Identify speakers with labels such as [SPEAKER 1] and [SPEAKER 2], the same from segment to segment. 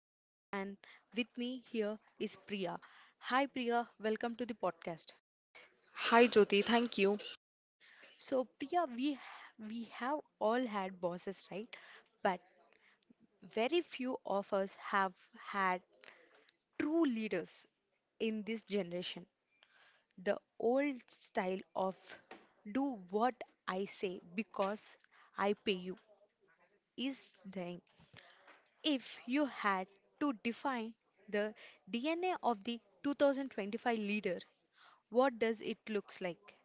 [SPEAKER 1] Jyoti and with me here is Priya. Hi Priya, welcome to the podcast.
[SPEAKER 2] Hi Jyoti, thank you.
[SPEAKER 1] So Priya, we have all had bosses, right? But very few of us have had true leaders in this generation. The old style of do what I say because I pay you is dying. If you had to define the DNA of the 2025 leader, what does it looks like?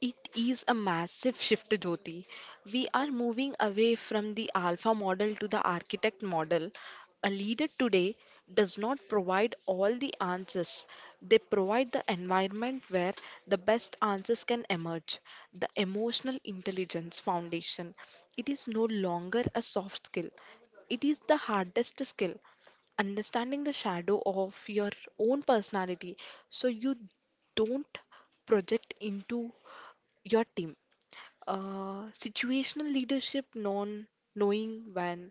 [SPEAKER 2] It is a massive shift, Jyoti. We are moving away from the alpha model to the architect model. A leader today does not provide all the answers, they provide the environment where the best answers can emerge. The emotional intelligence foundation. It is no longer a soft skill, it is the hardest skill. Understanding the shadow of your own personality so you don't project into your team. Situational leadership, non knowing when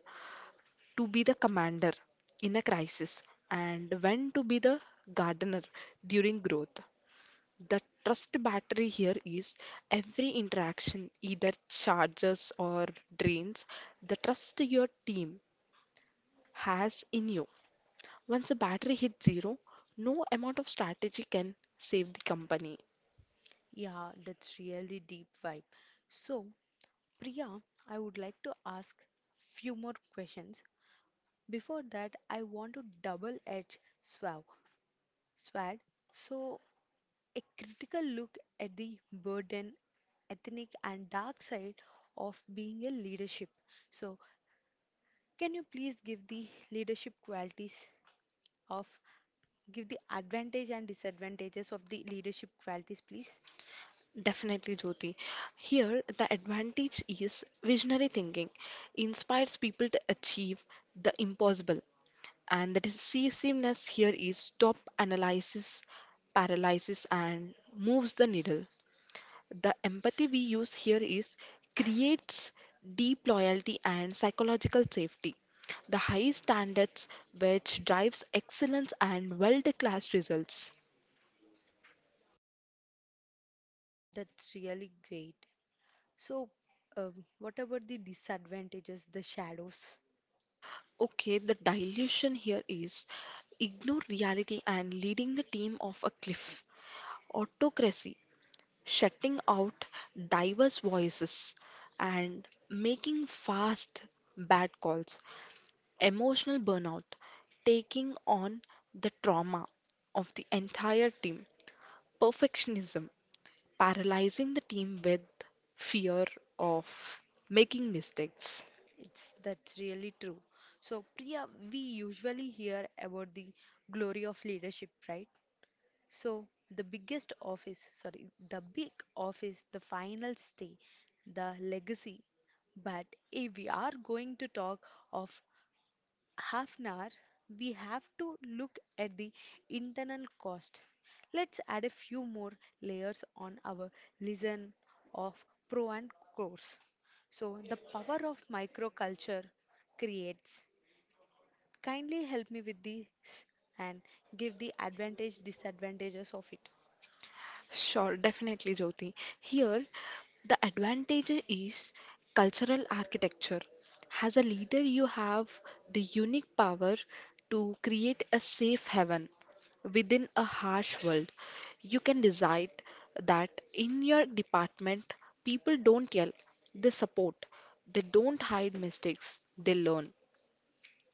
[SPEAKER 2] to be the commander in a crisis and when to be the gardener during growth. The trust battery here is every interaction either charges or drains the trust your team has in you. Once the battery hits zero, no amount of strategy can save the company.
[SPEAKER 1] Yeah, that's really deep vibe. So, Priya, I would like to ask few more questions. Before that, I want to double-edge swad. So, a critical look at the burden, ethnic and dark side of being a leadership. So, can you please give the leadership qualities of give the advantage and disadvantages of the leadership qualities, please?
[SPEAKER 2] Definitely, Jyoti. Here, the advantage is visionary thinking inspires people to achieve the impossible. And the decisiveness here is stop analysis, paralysis, and moves the needle. The empathy we use here is creates deep loyalty and psychological safety. The high standards which drives excellence and world-class results.
[SPEAKER 1] That's really great. So, um, what about the disadvantages, the shadows?
[SPEAKER 2] Okay, the dilution here is ignore reality and leading the team off a cliff, autocracy, shutting out diverse voices, and making fast bad calls, emotional burnout, taking on the trauma of the entire team, perfectionism, paralyzing the team with fear of making mistakes.
[SPEAKER 1] It's that's really true. So, Priya, we usually hear about the glory of leadership, right? So, the the big office, the final stay, the legacy. But if we are going to talk of half an hour, we have to look at the internal cost. Let's add a few more layers on our listen of pro and cons. So the power of microculture creates. Kindly help me with this and give the advantage disadvantages of it.
[SPEAKER 2] Sure, definitely, Jyoti. Here, the advantage is cultural architecture. As a leader, you have the unique power to create a safe haven within a harsh world. You can decide that in your department, people don't yell, they support, they don't hide mistakes, they learn.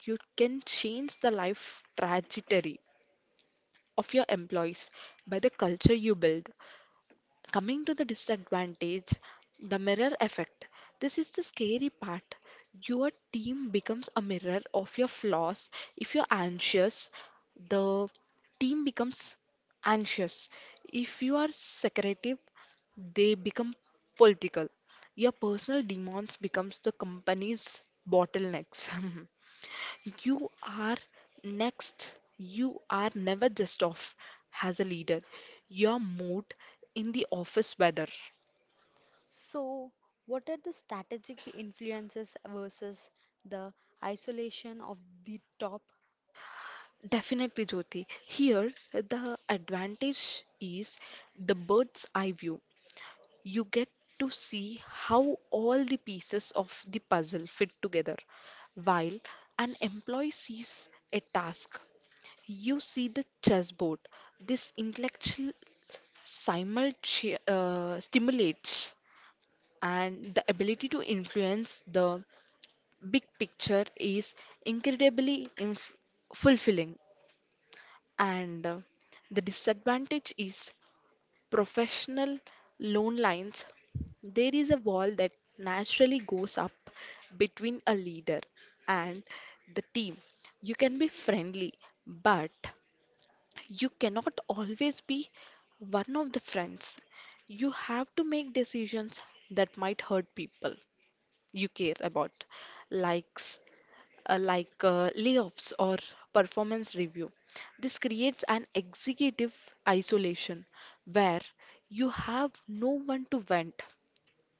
[SPEAKER 2] You can change the life trajectory of your employees by the culture you build. Coming to the disadvantage, the mirror effect. This is the scary part. Your team becomes a mirror of your flaws. If you're anxious, the team becomes anxious. If you are secretive, they become political. Your personal demons becomes the company's bottlenecks. You are next. You are never just off as a leader. Your mood in the office weather.
[SPEAKER 1] So what are the strategic influences versus the isolation of the top?
[SPEAKER 2] Definitely, Jyoti. Here, the advantage is the bird's eye view. You get to see how all the pieces of the puzzle fit together. While an employee sees a task, you see the chessboard. This intellectual simultaneously stimulates, and the ability to influence the big picture is incredibly fulfilling, and the disadvantage is professional loan lines. There is a wall that naturally goes up between a leader and the team. You can be friendly, but you cannot always be one of the friends. You have to make decisions that might hurt people you care about, likes, like layoffs or performance review. This creates an executive isolation where you have no one to vent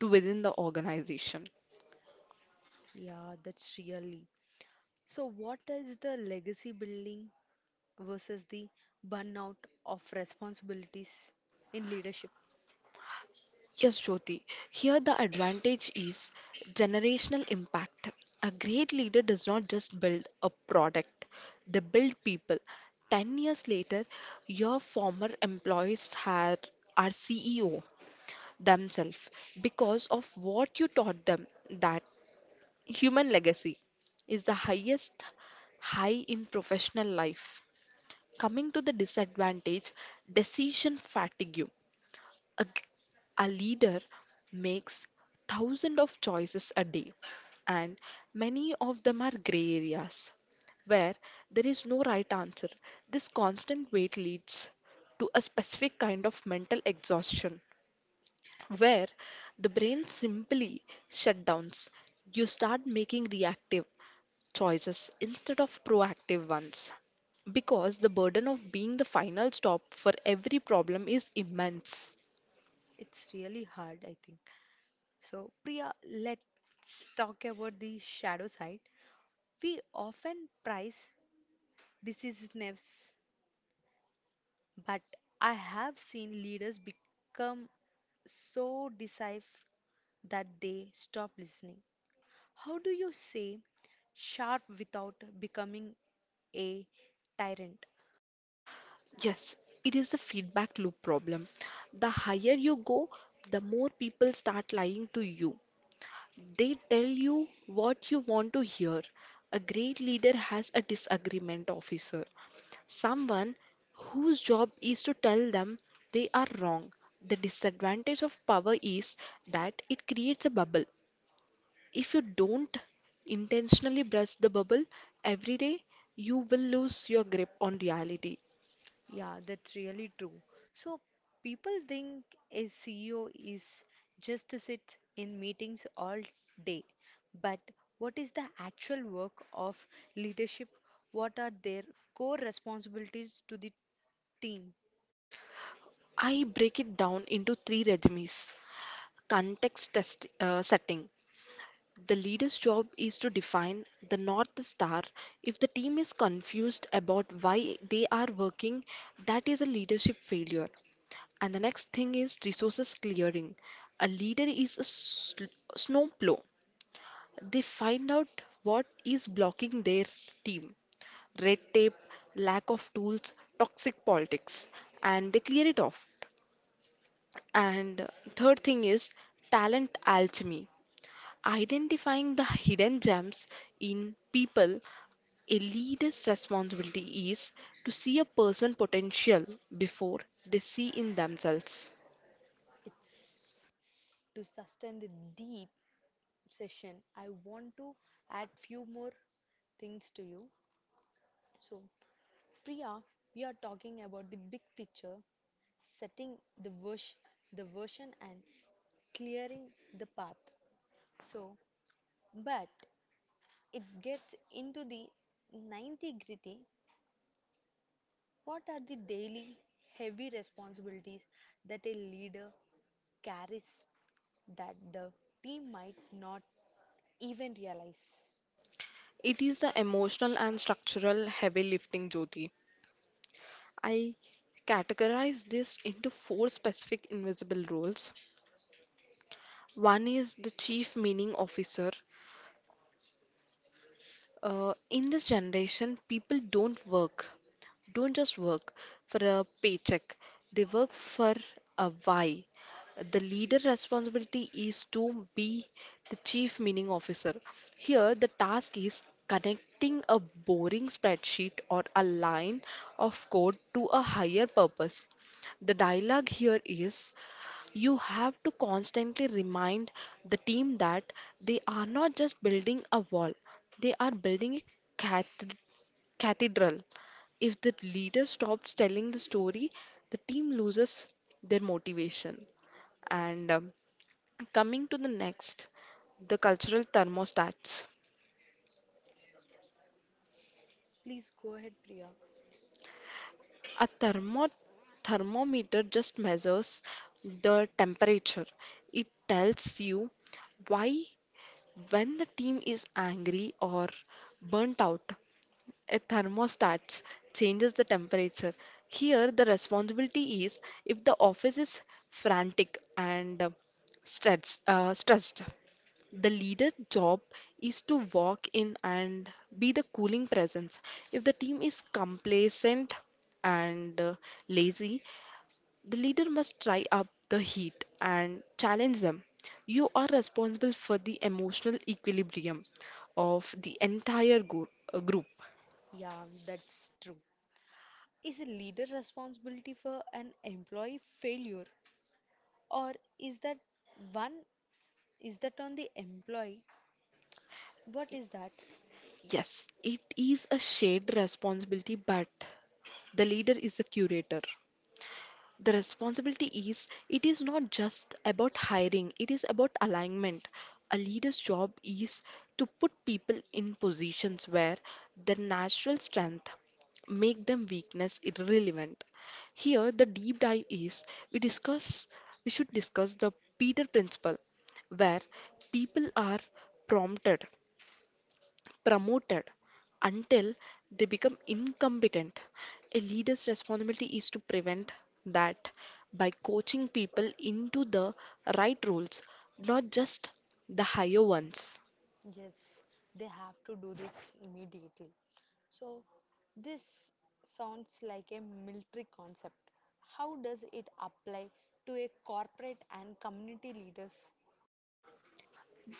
[SPEAKER 2] to within the organization.
[SPEAKER 1] Yeah, that's really. So, what is the legacy building versus the burnout of responsibilities in leadership?
[SPEAKER 2] Yes, Jyoti. Here, the advantage is generational impact. A great leader does not just build a product, they build people. 10 years later, your former employees are CEO themselves because of what you taught them. That human legacy is the highest high in professional life. Coming to the disadvantage, decision fatigue. A, g- a leader makes thousands of choices a day, and many of them are gray areas where there is no right answer. This constant weight leads to a specific kind of mental exhaustion where the brain simply shutdowns. You start making reactive choices instead of proactive ones because the burden of being the final stop for every problem is immense.
[SPEAKER 1] It's really hard, I think. So, Priya, let's talk about the shadow side. We often prize decisiveness, but I have seen leaders become so decisive that they stop listening. How do you say sharp without becoming a tyrant?
[SPEAKER 2] Yes, it is the feedback loop problem. The higher you go, the more people start lying to you. They tell you what you want to hear. A great leader has a disagreement officer, someone whose job is to tell them they are wrong. The disadvantage of power is that it creates a bubble. If you don't intentionally brush the bubble every day, you will lose your grip on reality.
[SPEAKER 1] Yeah, that's really true. So people think a CEO is just to sit in meetings all day. But what is the actual work of leadership? What are their core responsibilities to the team?
[SPEAKER 2] I break it down into three regimes. Setting: the leader's job is to define the North Star. If the team is confused about why they are working, that is a leadership failure. And the next thing is resources clearing. A leader is a snowplow. They find out what is blocking their team: red tape, lack of tools, toxic politics, and they clear it off. And third thing is talent alchemy. Identifying the hidden gems in people, a leader's responsibility is to see a person potential before they see in themselves.
[SPEAKER 1] It's to sustain the deep session. I want to add few more things to you. So, Priya, we are talking about the big picture, setting the version and clearing the path. So, but it gets into the 90 gritty. What are the daily heavy responsibilities that a leader carries that the team might not even realize?
[SPEAKER 2] It is the emotional and structural heavy lifting, Jyoti. I categorize this into four specific invisible roles. One is the chief meaning officer. In this generation, people don't work, don't just work for a paycheck. They work for a why. The leader responsibility is to be the chief meaning officer. Here, the task is connecting a boring spreadsheet or a line of code to a higher purpose. The dialogue here is you have to constantly remind the team that they are not just building a wall, they are building a cath- cathedral. If the leader stops telling the story, the team loses their motivation. And coming to the next, the cultural thermostats.
[SPEAKER 1] Please go ahead, Priya.
[SPEAKER 2] A thermometer just measures the temperature. It tells you why. When the team is angry or burnt out, a thermostat changes the temperature. Here, the responsibility is if the office is frantic and stressed, the leader job is to walk in and be the cooling presence. If the team is complacent and lazy, the leader must try up the heat and challenge them. You are responsible for the emotional equilibrium of the entire group.
[SPEAKER 1] Yeah, that's true. Is a leader responsibility for an employee failure or is that one is that on the employee? What is that?
[SPEAKER 2] Yes, it is a shared responsibility, but the leader is the curator. The responsibility is it is not just about hiring, it is about alignment. A leader's job is to put people in positions where their natural strength make them weakness irrelevant. Here the deep dive is we discuss we should discuss the Peter Principle, where people are prompted promoted until they become incompetent. A leader's responsibility is to prevent that by coaching people into the right roles, not just the higher ones.
[SPEAKER 1] Yes, they have to do this immediately. So, this sounds like a military concept. How does it apply to a corporate and community leaders?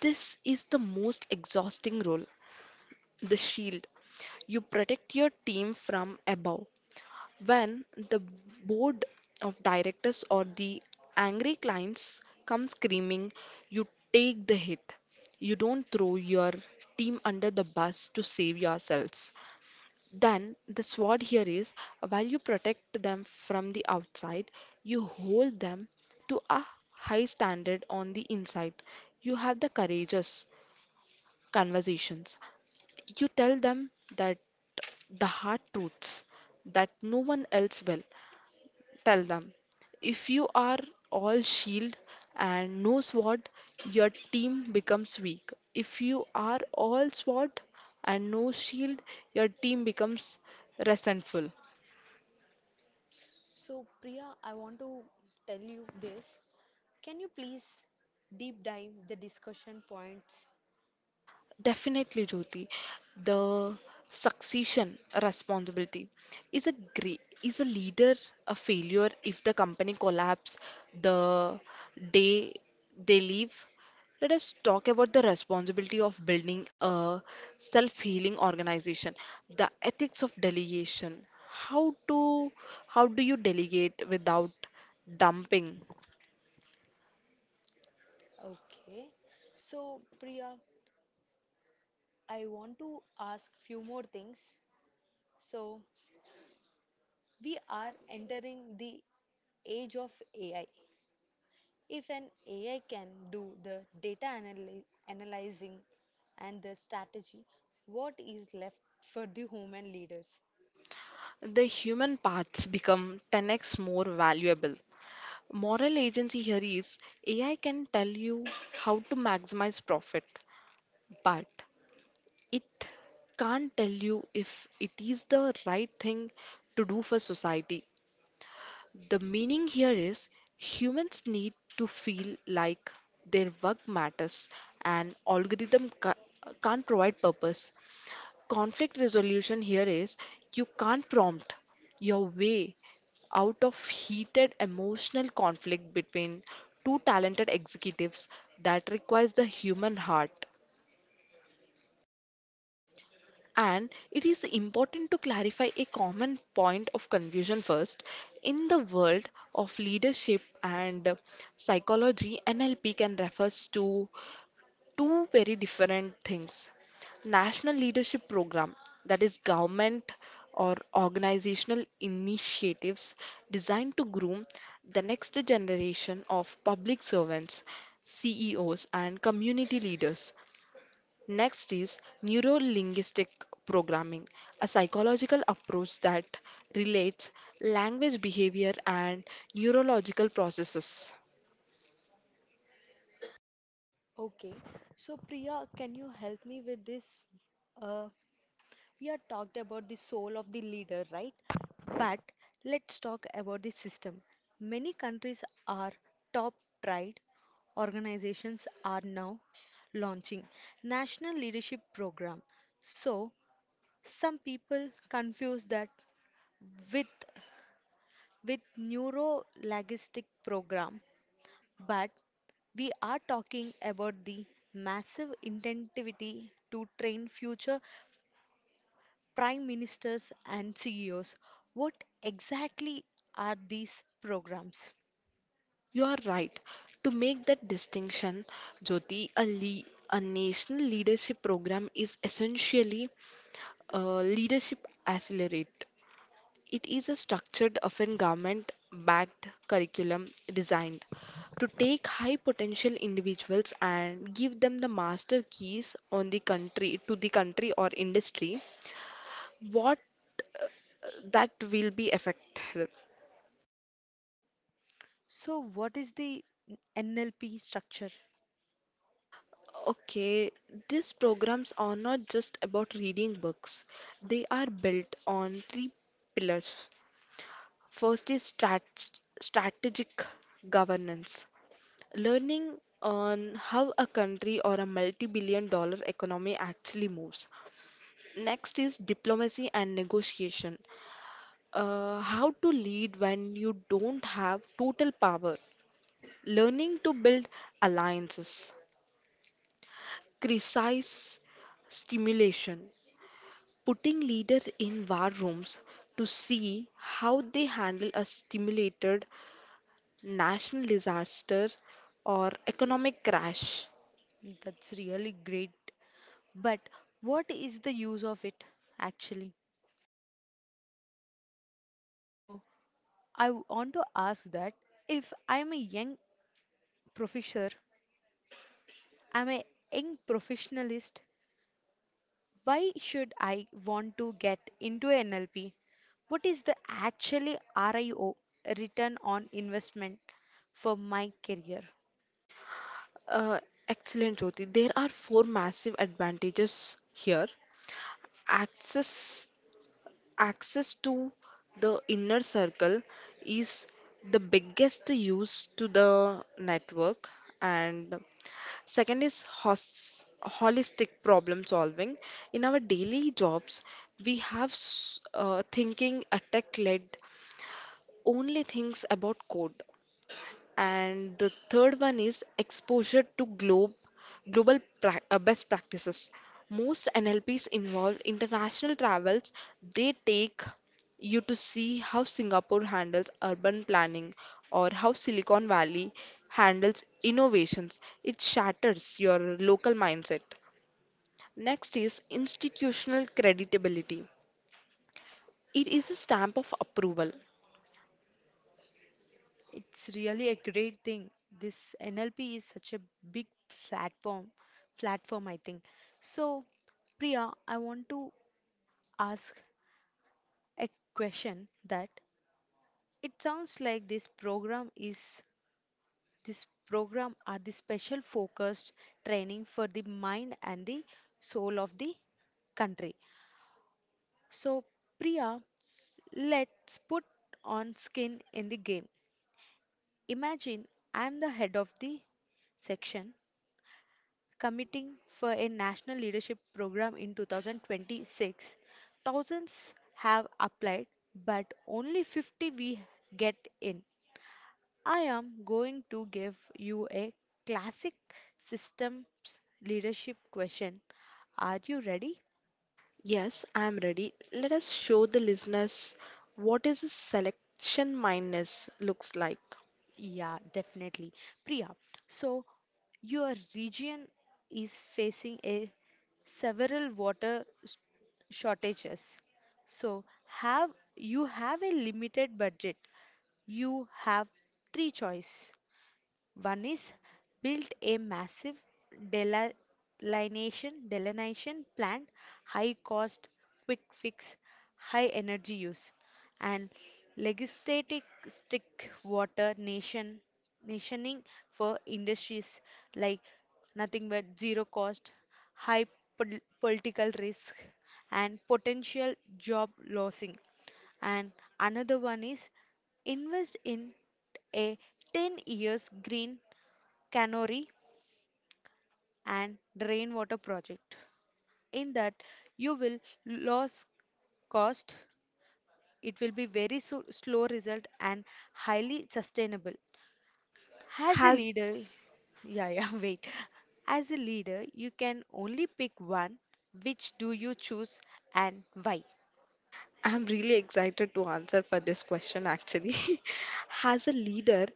[SPEAKER 2] This is the most exhausting role: the shield. You protect your team from above. When the board of directors or the angry clients come screaming, you take the hit. You don't throw your team under the bus to save yourselves. Then the sword here is while you protect them from the outside, you hold them to a high standard on the inside. You have the courageous conversations. You tell them that the hard truths that no one else will. Tell them if you are all shield and no sword, your team becomes weak. If you are all sword and no shield, your team becomes resentful.
[SPEAKER 1] So, Priya, I want to tell you this. Can you please deep dive the discussion points?
[SPEAKER 2] Definitely, Jyoti. The succession responsibility is is a leader a failure if the company collapse the day they leave? Let us talk about the responsibility of building a self-healing organization, the ethics of delegation. How to how do you delegate without dumping?
[SPEAKER 1] Okay. So, Priya, I want to ask few more things. So, we are entering the age of AI. If an AI can do the data analyzing and the strategy, what is left for the human leaders?
[SPEAKER 2] The human parts become 10x more valuable. Moral agency here is AI can tell you how to maximize profit, but it can't tell you if it is the right thing to do for society. The meaning here is humans need to feel like their work matters and algorithm can't provide purpose. Conflict resolution here is you can't prompt your way out of heated emotional conflict between two talented executives, that requires the human heart. And it is important to clarify a common point of confusion first. In the world of leadership and psychology, NLP can refers to two very different things: national leadership program, that is government or organizational initiatives designed to groom the next generation of public servants, CEOs and community leaders. Next is neuro-linguistic programming, a psychological approach that relates language, behavior and neurological processes.
[SPEAKER 1] Okay, so Priya, can you help me with this? Uh, we are talked about the soul of the leader, right? But let's talk about the system. Many countries are top tried organizations are now launching national leadership program. So some people confuse that with with neurolinguistic program, but we are talking about the massive intensivity to train future prime ministers and CEOs. What exactly are these programs?
[SPEAKER 2] You are right. To make that distinction, Jyoti, a national leadership program is essentially a leadership accelerate. It is a structured, often government backed curriculum designed to take high potential individuals and give them the master keys on the country to the country or industry what uh, that will be effective.
[SPEAKER 1] So what is the NLP structure?
[SPEAKER 2] Okay, these programs are not just about reading books. They are built on three pillars. First is strategic governance, learning on how a country or a multi-billion-dollar economy actually moves. Next is diplomacy and negotiation, how to lead when you don't have total power, learning to build alliances, precise stimulation putting leaders in war rooms to see how they handle a stimulated national disaster or economic crash.
[SPEAKER 1] That's really great, but what is the use of it actually? So I want to ask that if professor I'm a young professionalist. Why should I want to get into NLP? What is the actually RIO, return on investment for my career?
[SPEAKER 2] Uh, Excellent, Jyoti. There are four massive advantages here: access access to the inner circle is the biggest use to the network. And second is hos holistic problem solving. In our daily jobs we have thinking attack led only thinks about code. And the third one is exposure to global pra best practices. Most NLPs involve international travels. They take you to see how Singapore handles urban planning or how Silicon Valley handles innovations. It shatters your local mindset. Next is institutional credibility. It is a stamp of approval.
[SPEAKER 1] It's really a great thing. This NLP is such a big platform platform, I think. So Priya, I want to ask a question that it sounds like This program are the special focused training for the mind and the soul of the country. So Priya, let's put on skin in the game. Imagine I am the head of the section committing for a national leadership program in 2026. Thousands have applied, but only 50 we get in. I am going to give you a classic systems leadership question. Are you ready?
[SPEAKER 2] Yes, I am ready. Let us show the listeners what is a selection mindness looks like.
[SPEAKER 1] Yeah, definitely. Priya, so your region is facing a several water shortages. So have you have a limited budget. You have three choice. One is built a massive delineation plant, high cost, quick fix, high energy use, and legislative stick water nationing for industries like nothing but zero cost, high political risk, and potential job losing. And another one is invest in a 10 years green cannery and rainwater project. In that, you will lose cost, it will be very slow result and highly sustainable. As
[SPEAKER 2] Has
[SPEAKER 1] yeah, yeah, wait. As a leader, you can only pick one. Which do you choose and why?
[SPEAKER 2] I'm really excited to answer for this question actually. As a leader,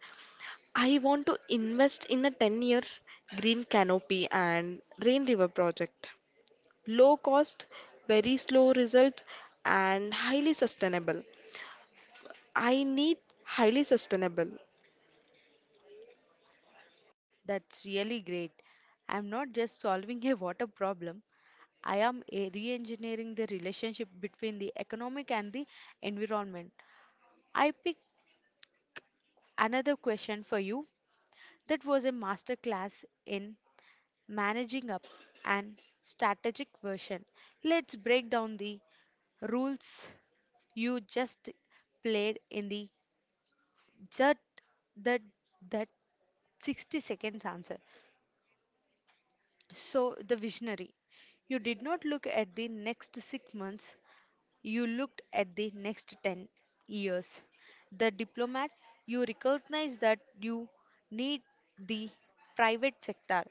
[SPEAKER 2] I want to invest in a 10-year green canopy and rain river project. Low cost, very slow results and highly sustainable. I need highly sustainable.
[SPEAKER 1] That's really great. I'm not just solving a water problem, I am a re engineering the relationship between the economic and the environment. I pick another question for you that was a masterclass in managing up and strategic version. Let's break down the rules you just played in the just that that 60 seconds answer. So the visionary. You did not look at the next 6 months. You looked at the next 10 years. The diplomat, you recognize that you need the private sector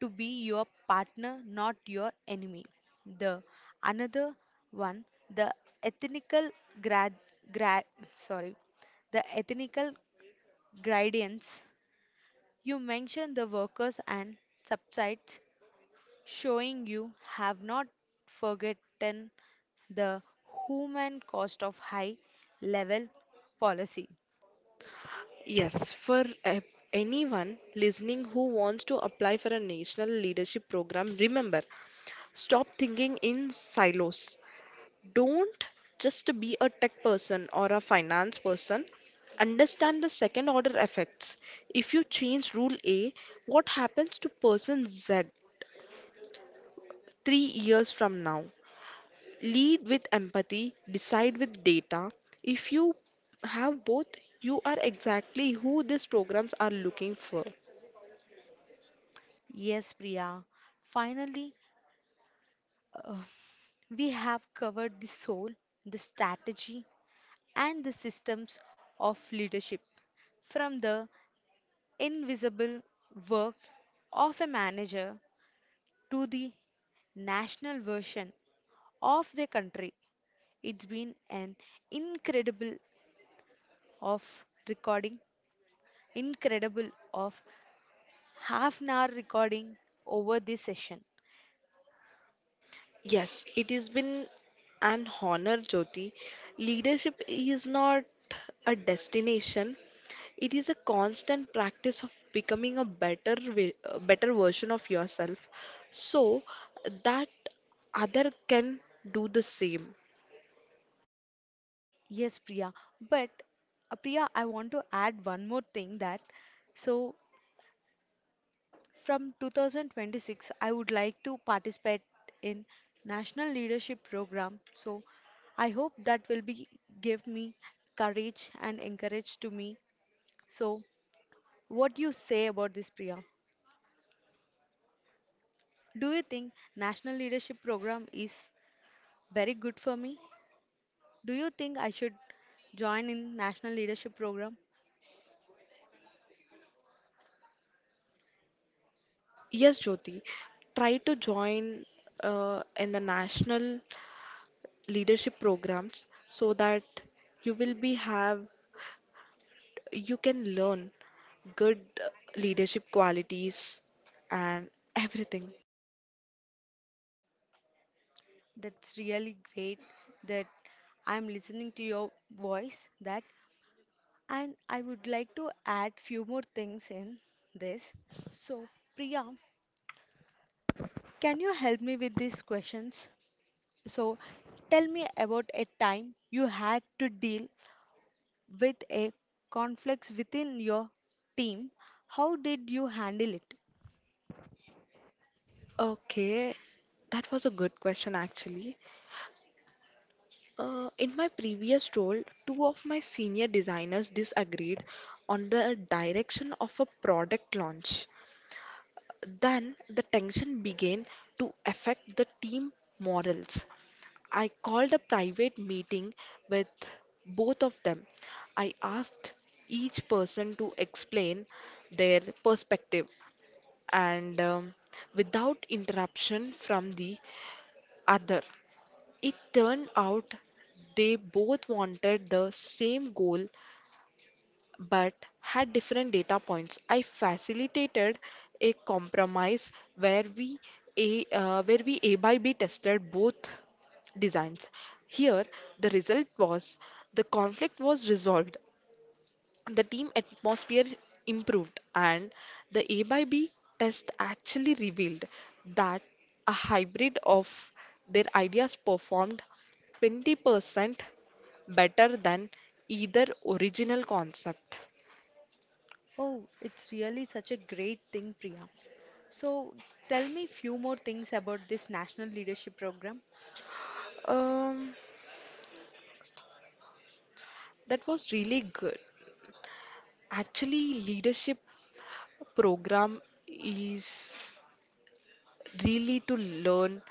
[SPEAKER 1] to be your partner, not your enemy. The another one, the ethnical grad, grad sorry, the ethnical gradients. You mentioned the workers and subsides, showing you have not forgotten the human cost of high level policy.
[SPEAKER 2] Yes, anyone listening who wants to apply for a national leadership program, remember stop thinking in silos. Don't just be a tech person or a finance person. Understand the second order effects. If you change rule A, what happens to person Z 3 years from now? Lead with empathy, decide with data. If you have both, you are exactly who these programs are looking for.
[SPEAKER 1] Yes, Priya, finally, uh, we have covered the soul, the strategy, and the systems of leadership from the invisible work of a manager to the national version of the country. It's been an incredible of recording incredible of half an hour recording over this session.
[SPEAKER 2] Yes, it has been an honor, Jyoti. Leadership is not a destination, it is a constant practice of becoming a a better version of yourself so that other can do the same.
[SPEAKER 1] Yes, Priya. But Priya, I want to add one more thing that so from 2026, I would like to participate in National Leadership Program. So I hope that will be give me courage and encourage to me. So what do you say about this, Priya? Do you think National Leadership Program is very good for me? Do you think I should join in national leadership program?
[SPEAKER 2] Yes, Jyoti, try to join in the national leadership programs so that you will be have you can learn good leadership qualities and everything.
[SPEAKER 1] That's really great that I'm listening to your voice that, and I would like to add few more things in this. So Priya, can you help me with these questions? So tell me about a time you had to deal with a conflict within your team. How did you handle it?
[SPEAKER 2] Okay, that was a good question actually. In my previous role, two of my senior designers disagreed on the direction of a product launch. Then the tension began to affect the team morals. I called a private meeting with both of them. I asked each person to explain their perspective and without interruption from the other. It turned out they both wanted the same goal but had different data points. I facilitated a compromise where we A by B tested both designs. Here, the result was the conflict was resolved, the team atmosphere improved, and the A by B test actually revealed that a hybrid of their ideas performed 20% better than either original concept.
[SPEAKER 1] Oh, it's really such a great thing, Priya. So tell me few more things about this national leadership program.
[SPEAKER 2] Um, that was really good. Actually, leadership program is really to learn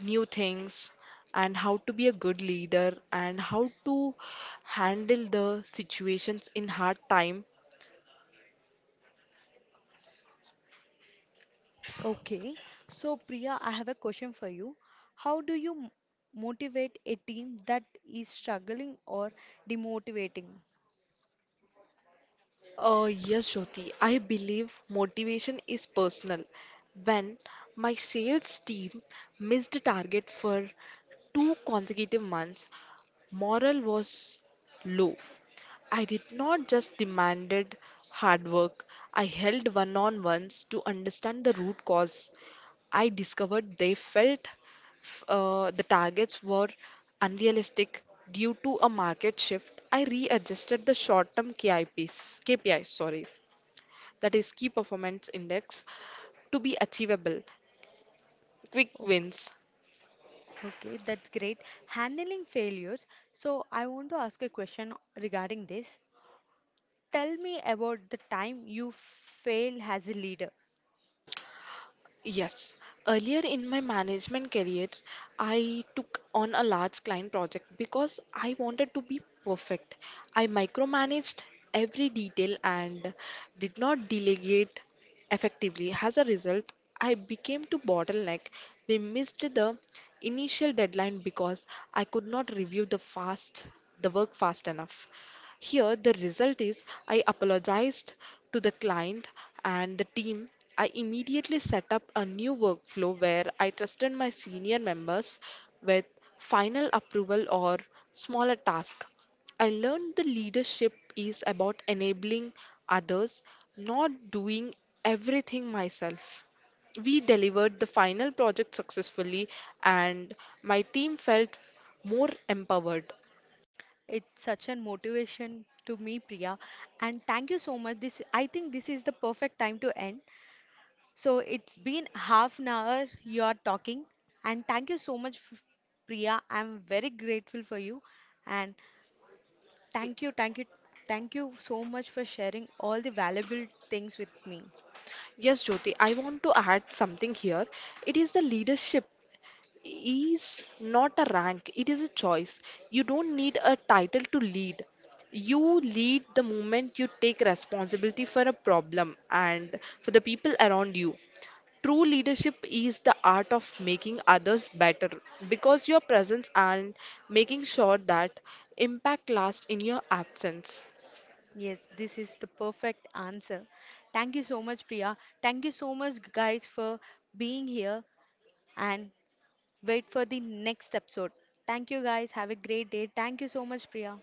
[SPEAKER 2] new things and how to be a good leader and how to handle the situations in hard time.
[SPEAKER 1] Okay. So Priya, I have a question for you. How do you motivate a team that is struggling or demotivating?
[SPEAKER 2] Yes, Jyoti, I believe motivation is personal. When my sales team missed the target for 2 consecutive months, morale was low. I did not just demanded hard work, I held one-on-ones to understand the root cause. I discovered they felt the targets were unrealistic due to a market shift. I readjusted the short-term KIPs, KPI, sorry, that is key performance index, to be achievable. Quick
[SPEAKER 1] Okay,
[SPEAKER 2] wins.
[SPEAKER 1] okay, that's great. Handling failures. So I want to ask a question regarding this. Tell me about the time you fail as a leader.
[SPEAKER 2] Yes. Earlier in my management career, I took on a large client project because I wanted to be perfect. I micromanaged every detail and did not delegate effectively. As a result, I became to bottleneck. We missed the initial deadline because I could not review the work fast enough. Here, the result is I apologized to the client and the team. I immediately set up a new workflow where I trusted my senior members with final approval or smaller tasks. I learned the leadership is about enabling others, not doing everything myself. We delivered the final project successfully, and my team felt more empowered.
[SPEAKER 1] It's such a motivation to me, Priya. And thank you so much. This I think this is the perfect time to end. So it's been half an hour you are talking, and thank you so much, Priya. I'm very grateful for you, and thank you, thank you, thank you so much for sharing all the valuable things with me.
[SPEAKER 2] Yes, Jyoti, I want to add something here. It is the leadership is not a rank, it is a choice. You don't need a title to lead. You lead the moment you take responsibility for a problem and for the people around you. True leadership is the art of making others better because your presence and making sure that impact lasts in your absence.
[SPEAKER 1] Yes, this is the perfect answer. Thank you so much, Priya. Thank you so much, guys, for being here and wait for the next episode. Thank you, guys. Have a great day. Thank you so much, Priya.